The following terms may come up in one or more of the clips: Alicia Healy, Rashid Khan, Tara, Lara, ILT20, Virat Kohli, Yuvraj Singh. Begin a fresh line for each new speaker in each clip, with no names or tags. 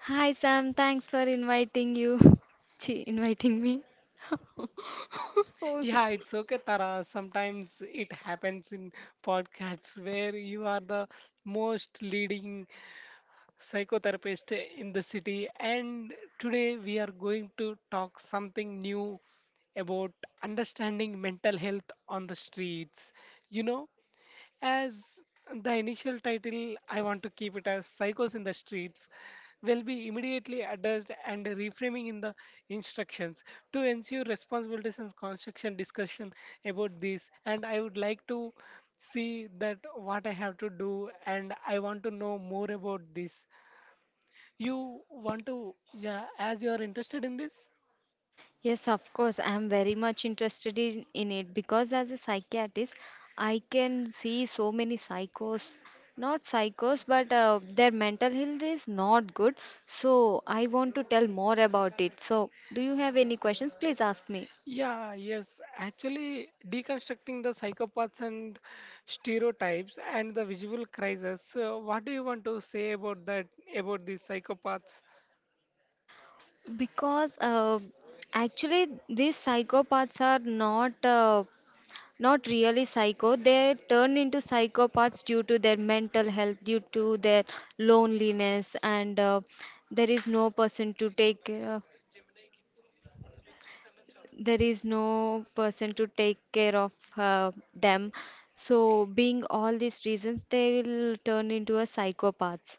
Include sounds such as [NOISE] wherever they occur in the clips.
Hi Sam, thanks for inviting you. [LAUGHS] Chi, inviting me. [LAUGHS] Oh. Yes, of course, I am very much interested in it because as a psychiatrist, I can see so many psychos, not psychos, but their mental health is not good. So I want to tell more about it. So, do you have any questions? Please ask me. Because Actually, these psychopaths are uh, not really psycho. They turn into psychopaths due to their mental health, due to their loneliness, and there is no person to take care of. There is no person to take care of them. So, being all these reasons, they will turn into a psychopaths.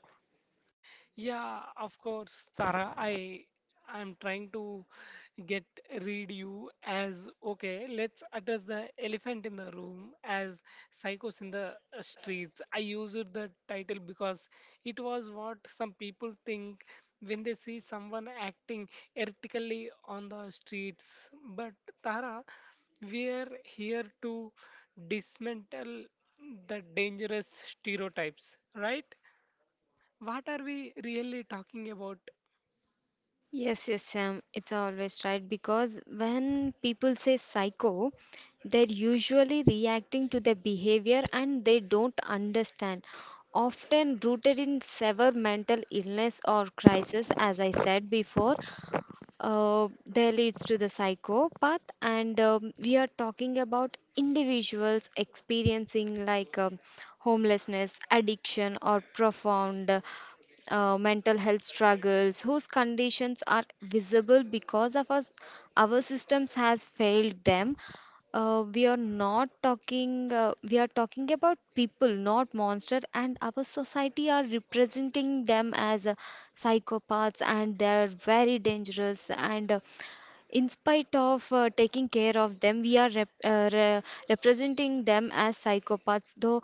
Yes, yes, Sam, it's always right because when people say psycho, they're usually reacting to their behavior and they don't understand. Often rooted in severe mental illness or crisis, as I said before, there leads to the psychopath, and we are talking about individuals experiencing like homelessness addiction or profound mental health struggles whose conditions are visible because of us, our systems has failed them. We are not we are talking about people, not monster, and our society are representing them as psychopaths, and they're very dangerous. And In spite of taking care of them, we are representing them as psychopaths, though.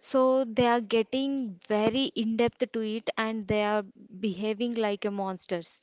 So they are getting very in depth to it, and they are behaving like a monsters.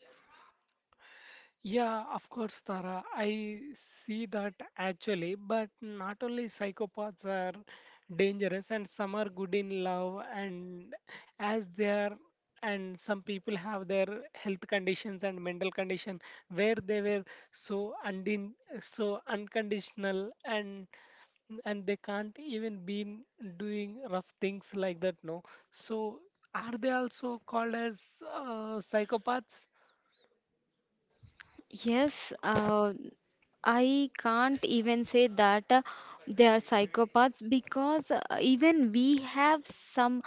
Yes. I can't even say that they are psychopaths because even we have some.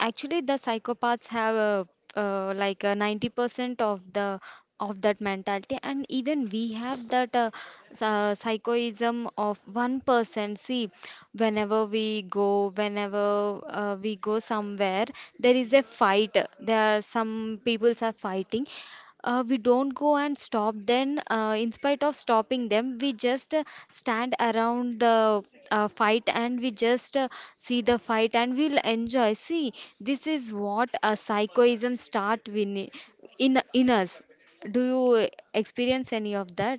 Actually, the psychopaths have , like, 90% of that mentality, and even we have that psychoism of 1%. See, whenever we go somewhere, there is a fight. There are some peoples are fighting. We don't go and stop then In spite of stopping them we just stand around the fight, and we just see the fight and we'll enjoy. See, this is what a psychoism start in us. Do you experience any of that?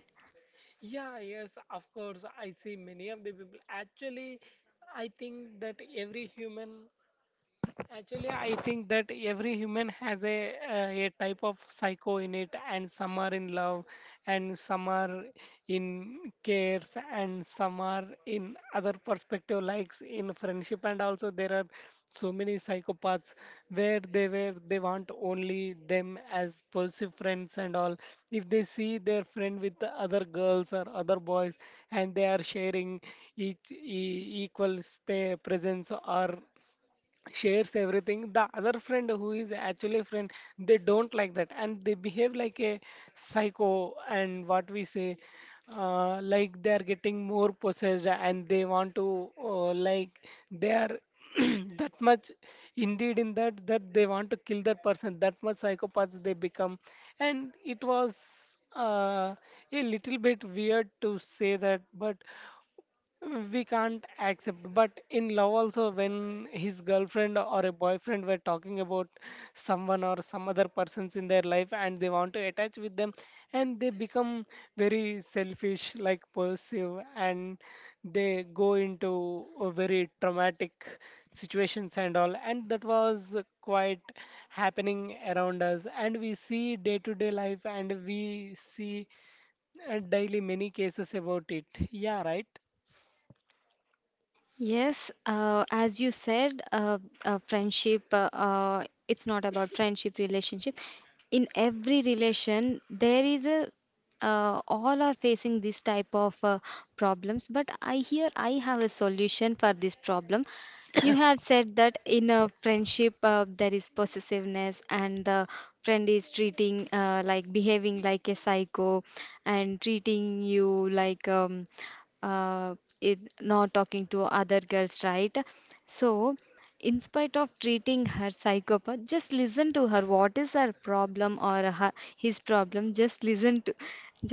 Yes, as you said, friendship, it's not about friendship, relationship. In every relation, there is a, all are facing this type of problems, but I hear I have a solution for this problem. You have said that in a friendship, there is possessiveness, and the friend is treating, like behaving like a psycho and treating you like, uh, it not talking to other girls, right? So in spite of treating her psychopath, just listen to her, what is her problem or her, his problem,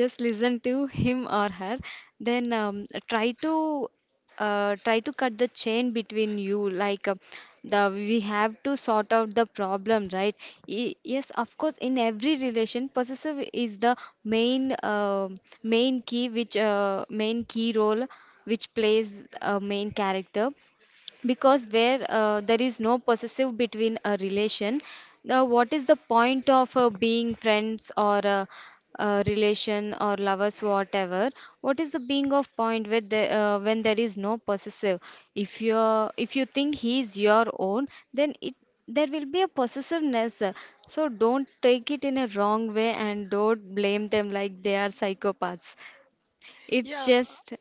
just listen to him or her. Then try to cut the chain between you, like the we have to sort out the problem, right? Yes, of course, in every relation possessive is the main uh, main key, which main key role which plays a main character, because where there is no possessive between a relation, now what is the point of being friends or a, relation or lovers, whatever. What is the being of point where when there is no possessive? If you, if you think he is your own, then it there will be a possessiveness. So don't take it in a wrong way and don't blame them like they are psychopaths. It's just,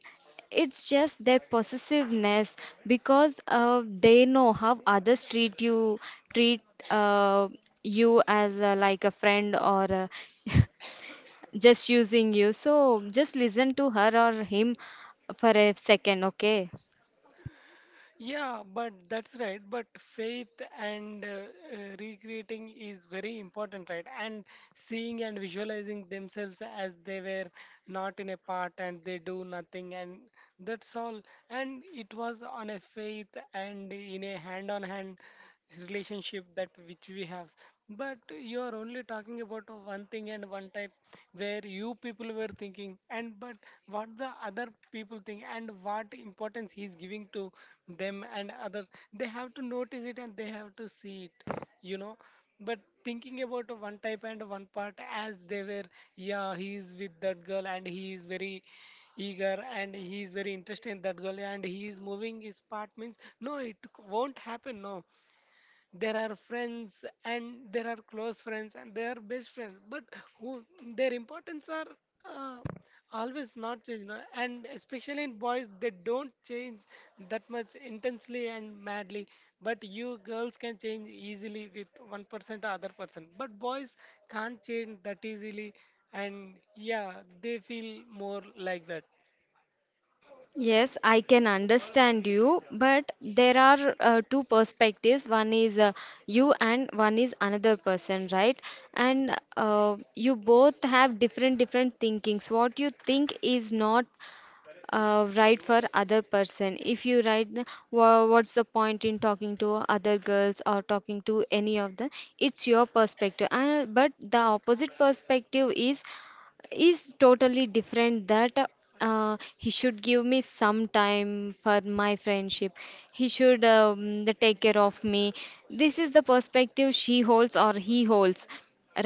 it's just their possessiveness, because they know how others treat uh, you as a, like a friend or a [LAUGHS] just using you. So just listen to her or him for a second, okay? Yes, I can understand you, but there are two perspectives. One is you and one is another person, right? And you both have different thinkings. What you think is not right for other person. If you write, wha What's the point in talking to other girls or talking to any of them? It's your perspective. And but the opposite perspective is totally different, that he should give me some time for my friendship. He should um, the take care of me. This is the perspective she holds or he holds,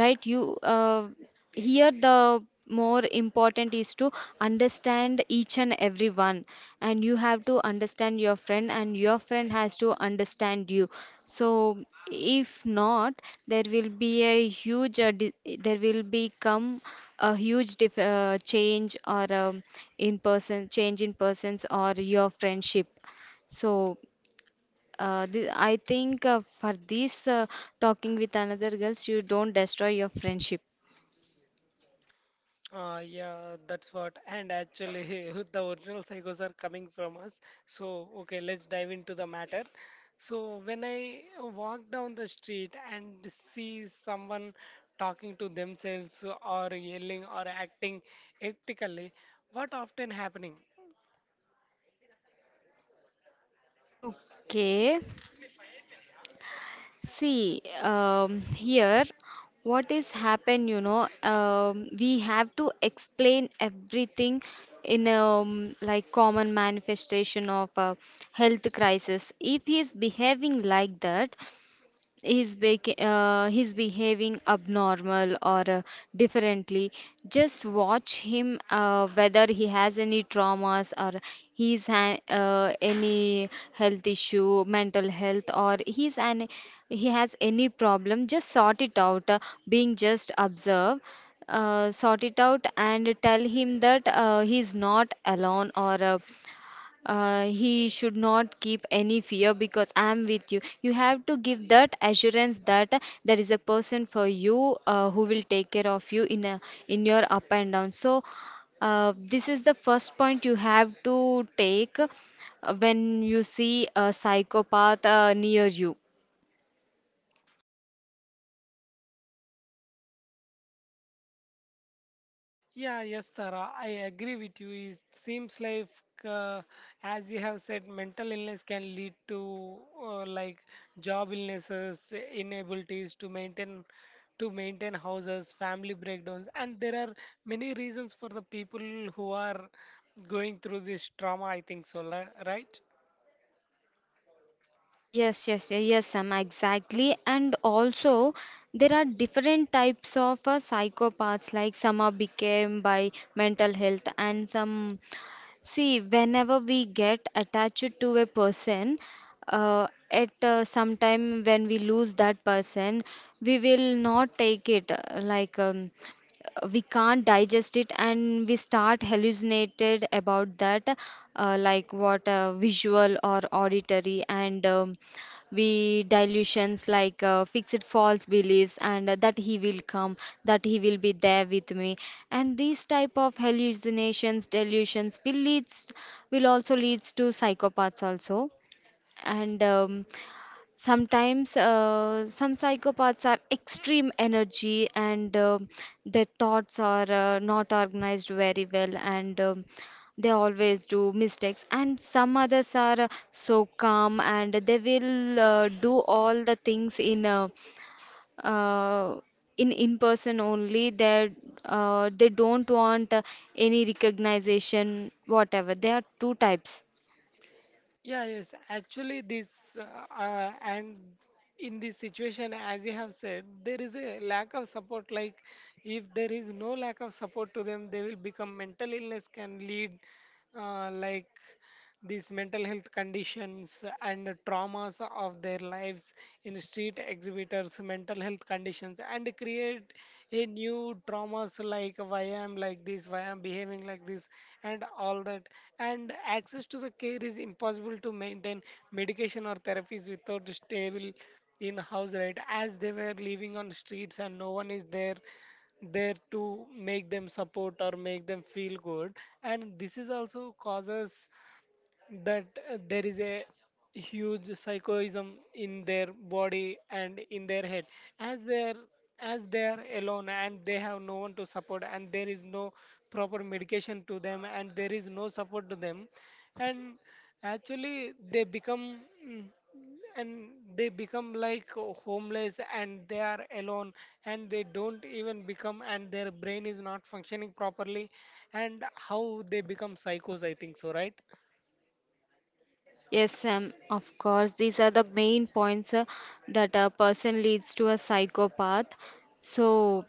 right? You uh, here the more important is to understand each and every one, and you have to understand your friend and your friend has to understand you. So if not, there will be a huge di- there will become a huge dif- change or in person, change in persons or your friendship. So I think for this talking with another girls, you don't destroy your friendship, okay? See, here, what is happen, you know, we have to explain everything in like common manifestation of a health crisis. If he is behaving like that, he's behaving abnormal or differently, just watch him whether he has any traumas or any health issue, mental health, or he has any problem, just sort it out. Being Just observe, sort it out and tell him that he's not alone, or he should not keep any fear, because I am with you. You have to give that assurance that there is a person for you who will take care of you in a, in your up and down. So this is the first point you have to take when you see a psychopath near you. Yes, yes, yes, yes, Sam, exactly. And also, there are different types of psychopaths, like some are became by mental health and some. See, whenever we get attached to a person, at some time when we lose that person, we will not take it like we can't digest it, and we start hallucinated about that, like what visual or auditory, and we delusions, like fixed false beliefs, and that he will come, that he will be there with me, and these type of hallucinations delusions will also leads to psychopaths also. And sometimes some psychopaths are extreme energy, and their thoughts are not organized very well, and they always do mistakes, and some others are so calm, and they will do all the things uh, in person only. They they don't want any recognition, whatever. There are two types. Yes, Sam, of course. These are the main points that a person leads to a psychopath. So,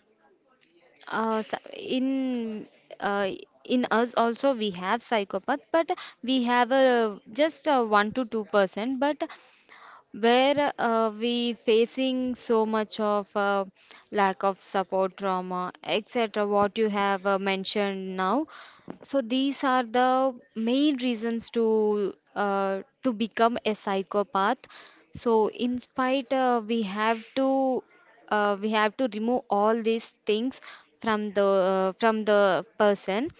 uh, s- in uh, in us also we have psychopaths, but we have just 1 to 2 percent. But where we facing so much of lack of support, trauma, etc. What you have mentioned now, so these are the main reasons to become a psychopath. So in spite we have to, we have to remove all these things from the person,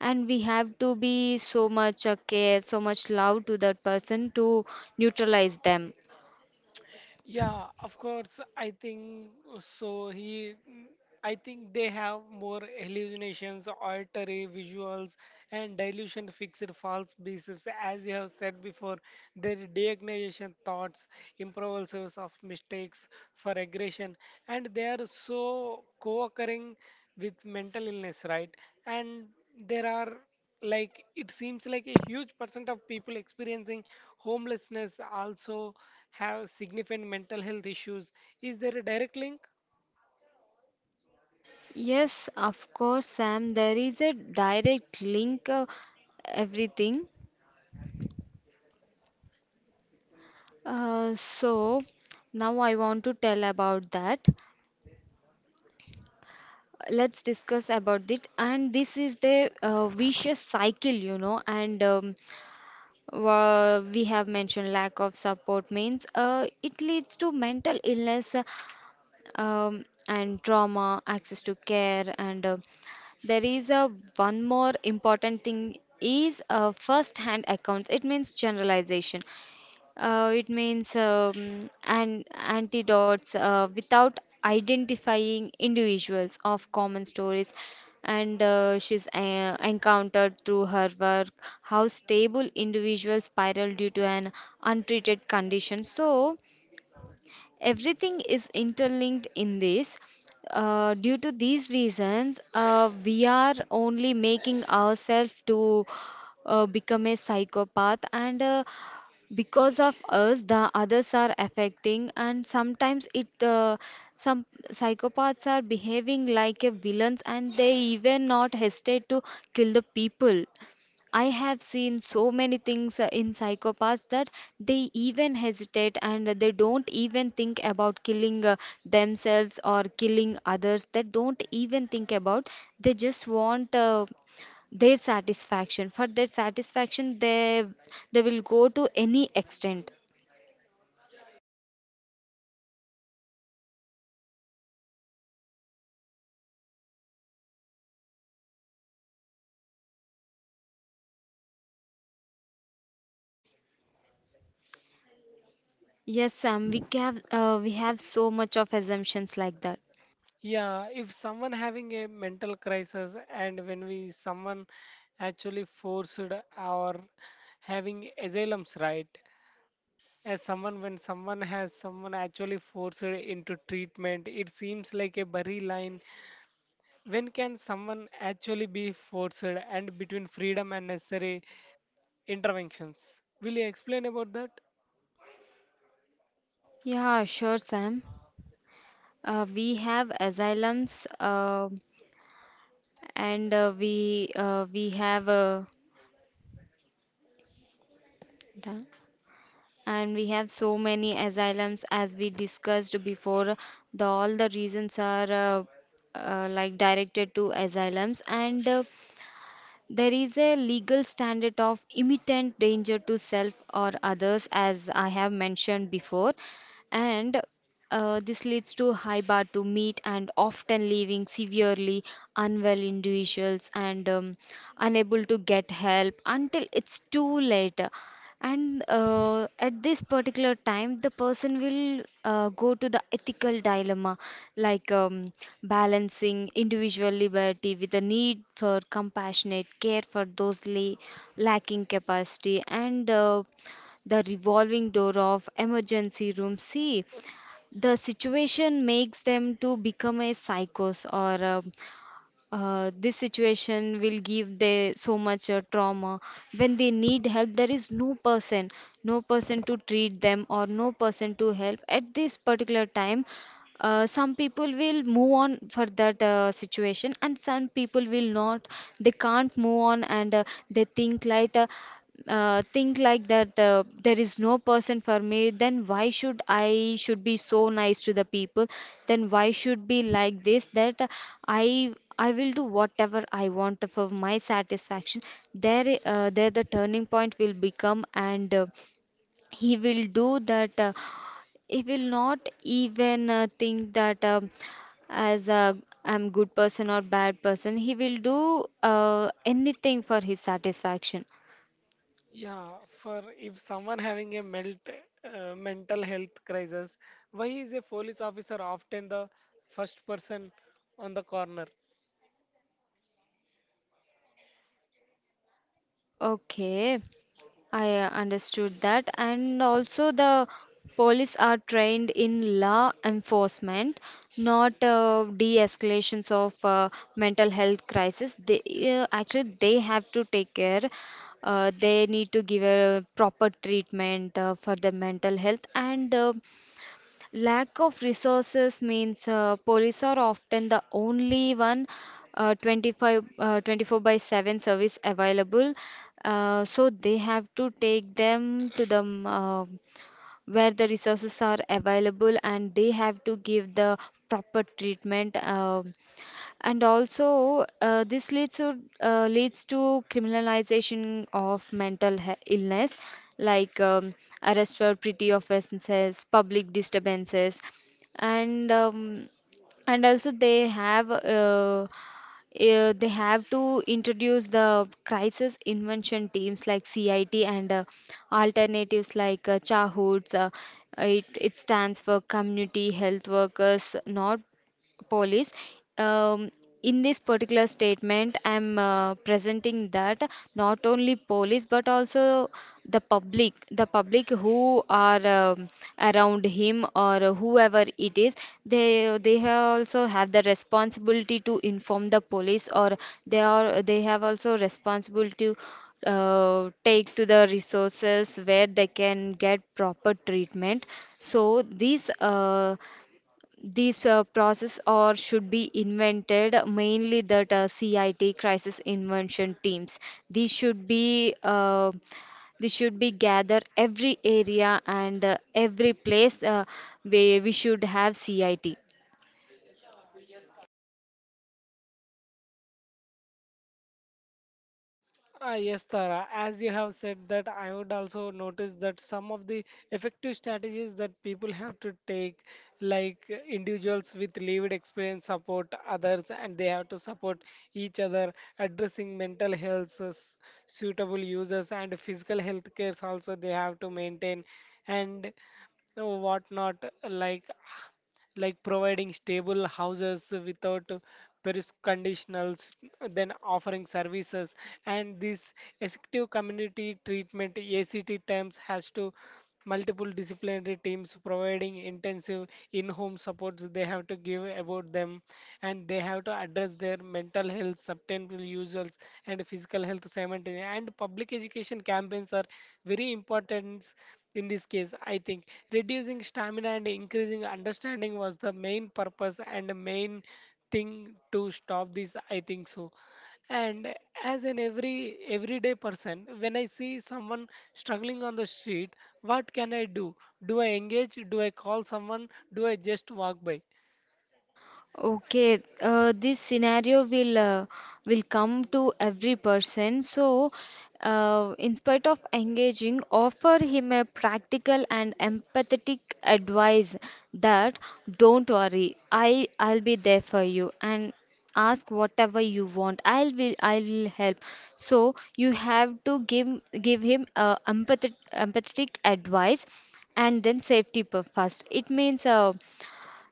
and we have to be so much care, so much love to that person to neutralize them. Yes, of course, Sam, there is a direct link, everything. So now I want to tell about that. Let's discuss about it. And this is the vicious cycle, you know. And we have mentioned lack of support means it leads to mental illness, and trauma, access to care, and there is a one more important thing is, first hand accounts, it means generalization. It means an antidotes without identifying individuals of common stories, and she's encountered through her work how stable individuals spiral due to an untreated condition. So everything is interlinked in this. Due to these reasons, we are only making ourselves to become a psychopath, and because of us the others are affecting, and sometimes it some psychopaths are behaving like a villains, and they even not hesitate to kill the people. I have seen so many things in psychopaths that they even hesitate and they don't even think about killing themselves or killing others. They don't even think about. They just want their satisfaction. For their satisfaction they will go to any extent. Yes, Sam, we have so much of assumptions like that.
Yeah, if someone having a mental crisis and when we someone actually forced or having asylums, right? As someone when someone has someone actually forced into treatment, it seems like a blurry line when can someone actually be forced and between freedom and necessary interventions. Will you explain about that?
Yeah, sure, Sam. We have asylums, and we have the- and we have so many asylums, as we discussed before. The all the reasons are like directed to asylums, and there is a legal standard of imminent danger to self or others, as I have mentioned before, and this leads to high bar to meet and often leaving severely unwell individuals and unable to get help until it's too late. And At this particular time, the person will go to the ethical dilemma, like um, balancing individual liberty with the need for compassionate care for those lacking capacity, and the revolving door of emergency room. See, the situation makes them to become a psychos or this situation will give they so much trauma when they need help there is no person no person to treat them or no person to help at this particular time, some people will move on for that situation and some people will not, they can't move on and they think like think like that, there is no person for me, then why should I should be so nice to the people, then why should be like this that I will do whatever I want for my satisfaction. There the turning point will become and he will do that, he will not even think that as a I'm good person or bad person, he will do anything for his satisfaction.
Yeah, for if someone having a mental health crisis, why is a police officer often the first person on the corner?
Okay, I understood that. And also, the police are trained in law enforcement, not de-escalations of mental health crisis. They actually they have to take care. They need to give a proper treatment for the mental health and. Lack of resources means police are often the only one, 25, 24 by 7 service available. So they have to take them to the where the resources are available and they have to give the proper treatment. And also, this leads to leads to criminalization of mental illness, like arrest for petty offenses, public disturbances, and um, and also they have to introduce the crisis intervention teams like CIT and alternatives like CHAHOODs. It stands for community health workers, not police. Um, in this particular statement, I'm presenting that not only police but also the public who are around him or whoever it is, they have also have the responsibility to inform the police or they are they have also responsibility to take to the resources where they can get proper treatment. So these process or should be invented mainly that CIT crisis invention teams. These should be this should be gather every area and every place where we should have CIT.
Ah, yes, Tara. As you have said that, I would also notice that some of the effective strategies that people have to take, like individuals with lived experience support others, and they have to support each other, addressing mental health, suitable users, and physical health cares also they have to maintain, and what not, like like providing stable houses without various conditionals, then offering services. And this effective community treatment ACT terms has to multiple disciplinary teams providing intensive in-home supports they have to give about them, and they have to address their mental health substantial users and physical health simultaneously, and public education campaigns are very important in this case, I think. Reducing stamina and increasing understanding was the main purpose and the main thing to stop this, I think so. And as an everyday person, when I see someone struggling on the street, what can I do? Do I engage? Do I call someone? Do I just walk by?
Okay, this scenario will come to every person. So, in spite of engaging, offer him a practical and empathetic advice that don't worry, I'll be there for you and ask whatever you want. I will help. So you have to give him empathetic advice, and then first. It means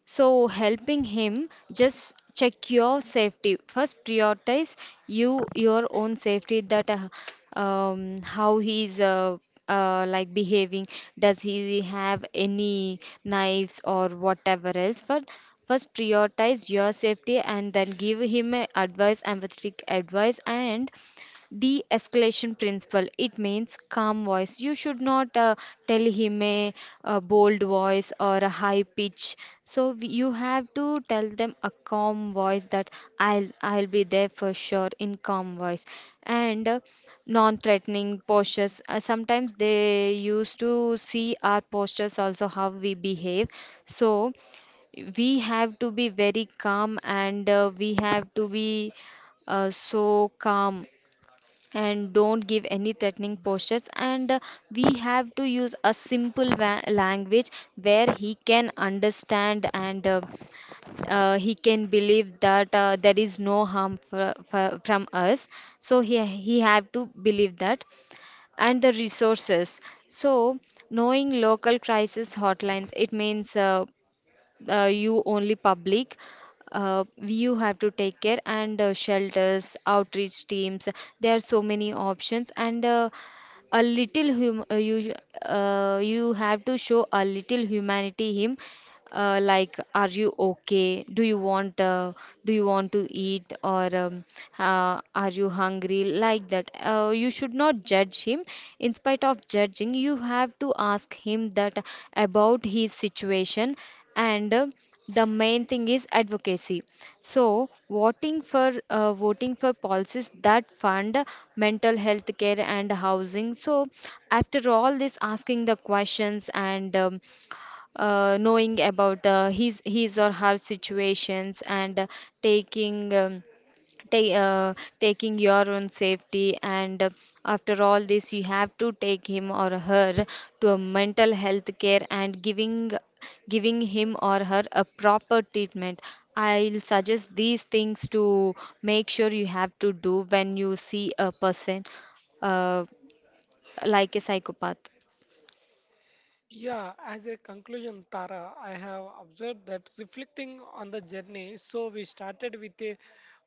so, helping him just check your safety. First, prioritize your own safety. That How he's like behaving. Does he have any knives or whatever else? But first, prioritize your safety and then give him a advice, empathetic advice, and de escalation principle. It means calm voice. You should not tell him a bold voice or a high pitch. So you have to tell them a calm voice that I'll be there for sure in calm voice and non-threatening postures. Sometimes they used to see our postures also how we behave. So we have to be very calm and we have to be so calm and don't give any threatening postures and we have to use a simple language where he can understand and he can believe that there is no harm for, from us, so he have to believe that and the resources. So knowing local crisis hotlines, it means, you only public, you have to take care and shelters outreach teams, there are so many options and a little hum you you have to show a little humanity him, like are you okay, do you want to eat or are you hungry, like that, you should not judge him. In spite of judging, you have to ask him that about his situation, and the main thing is advocacy. So voting for voting for policies that fund mental health care and housing. So after all this asking the questions and knowing about his or her situations and taking um, ta- uh, taking your own safety and after all this you have to take him or her to a mental health care and giving him or her a proper treatment. I'll suggest these things to make sure you have to do when you see a person, uh, like a psychopath.
Yeah, as a conclusion, Tara, I have observed that reflecting on the journey, so we started with a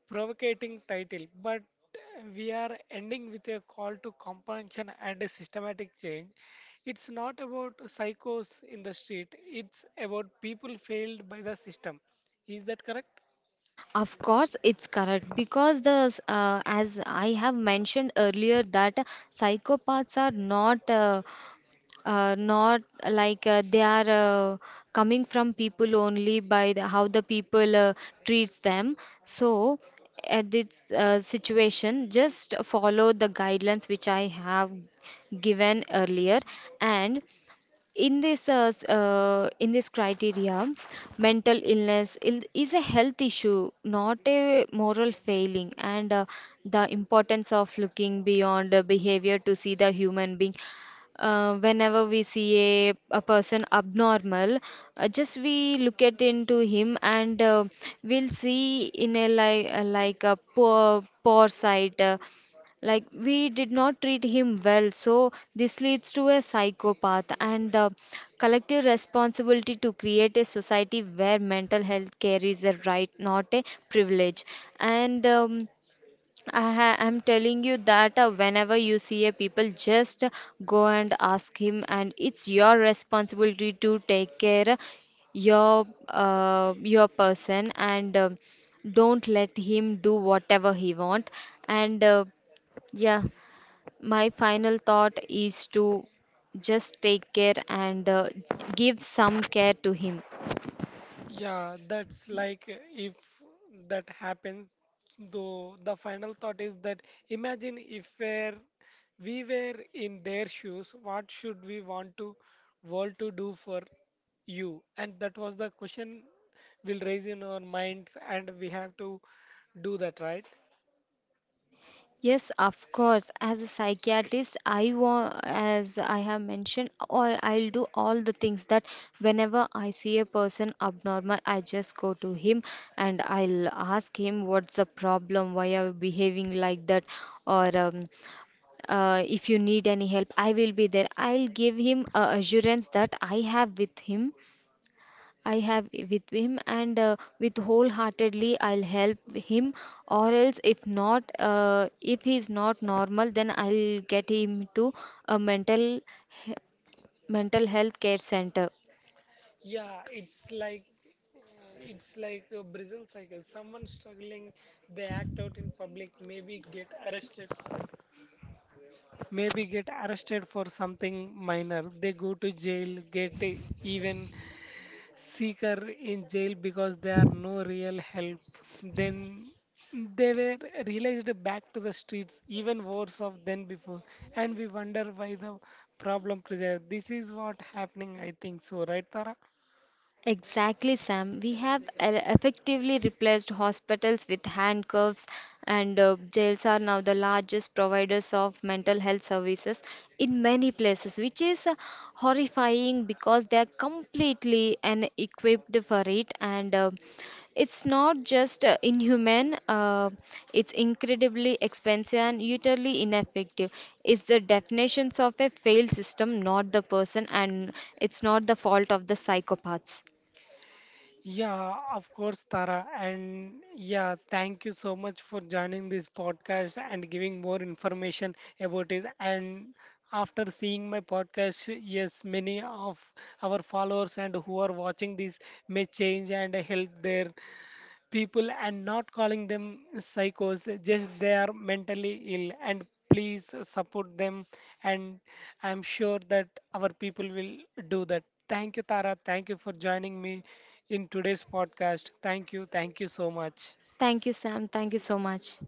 provocating title, but we are ending with a call to comprehension and a systematic change. It's not about psychos in the street, it's about people failed by the system. Is that correct?
Of course, it's correct because the as I have mentioned earlier that psychopaths are not not like they are coming from people only by the, how the people treats them. So at this situation, just follow the guidelines which I have given earlier, and in this in this criteria, mental illness is a health issue not a moral failing, and the importance of looking beyond behavior to see the human being. Whenever we see a person abnormal, just we look at into him and we'll see in a like a poor sight, like we did not treat him well, so this leads to a psychopath, and the collective responsibility to create a society where mental health care is a right not a privilege. And I'm telling you that whenever you see a people, just go and ask him, and it's your responsibility to take care your person, and don't let him do whatever he want. And uh, yeah, my final thought is to just take care and give some care to him.
Yeah, that's like if that happens, though the final thought is that imagine if we're, we were in their shoes, what should we want to world to do for you? And that was the question we'll raise in our minds, and we have to do that, right?
Yes, of course. As a psychiatrist, I want, as I have mentioned, all, I'll do all the things that whenever I see a person abnormal, I just go to him and I'll ask him what's the problem, why are you behaving like that, or if you need any help, I will be there. I'll give him a assurance that I have with him, and with wholeheartedly, I'll help him. Or else, if not, if he's not normal, then I'll get him to a he- mental health care center.
Yeah, uh, it's like a Brazil cycle. Someone struggling, they act out in public, maybe get arrested for something minor. They go to jail, get even sicker in jail because there are no real help. Then they were released back to the streets, even worse off than before. And we wonder why the problem preserved. This is what happening, I think so, right, Tara?
Exactly, Sam. We have effectively replaced hospitals with handcuffs, and jails are now the largest providers of mental health services in many places, which is horrifying because they are completely unequipped for it. And it's not just inhuman, it's incredibly expensive and utterly ineffective. It's the definitions of a failed system, not the person, and it's not the fault of the psychopaths.
Yeah, of course, Tara. And yeah, thank you so much for joining this podcast and giving more information about it. And after seeing my podcast, yes, many of our followers and who are watching this may change and help their people and not calling them psychos, just they are mentally ill. And please support them. And I'm sure that our people will do that. Thank you, Tara. Thank you for joining me in today's podcast. Thank you. Thank you so much.
Thank you, Sam. Thank you so much.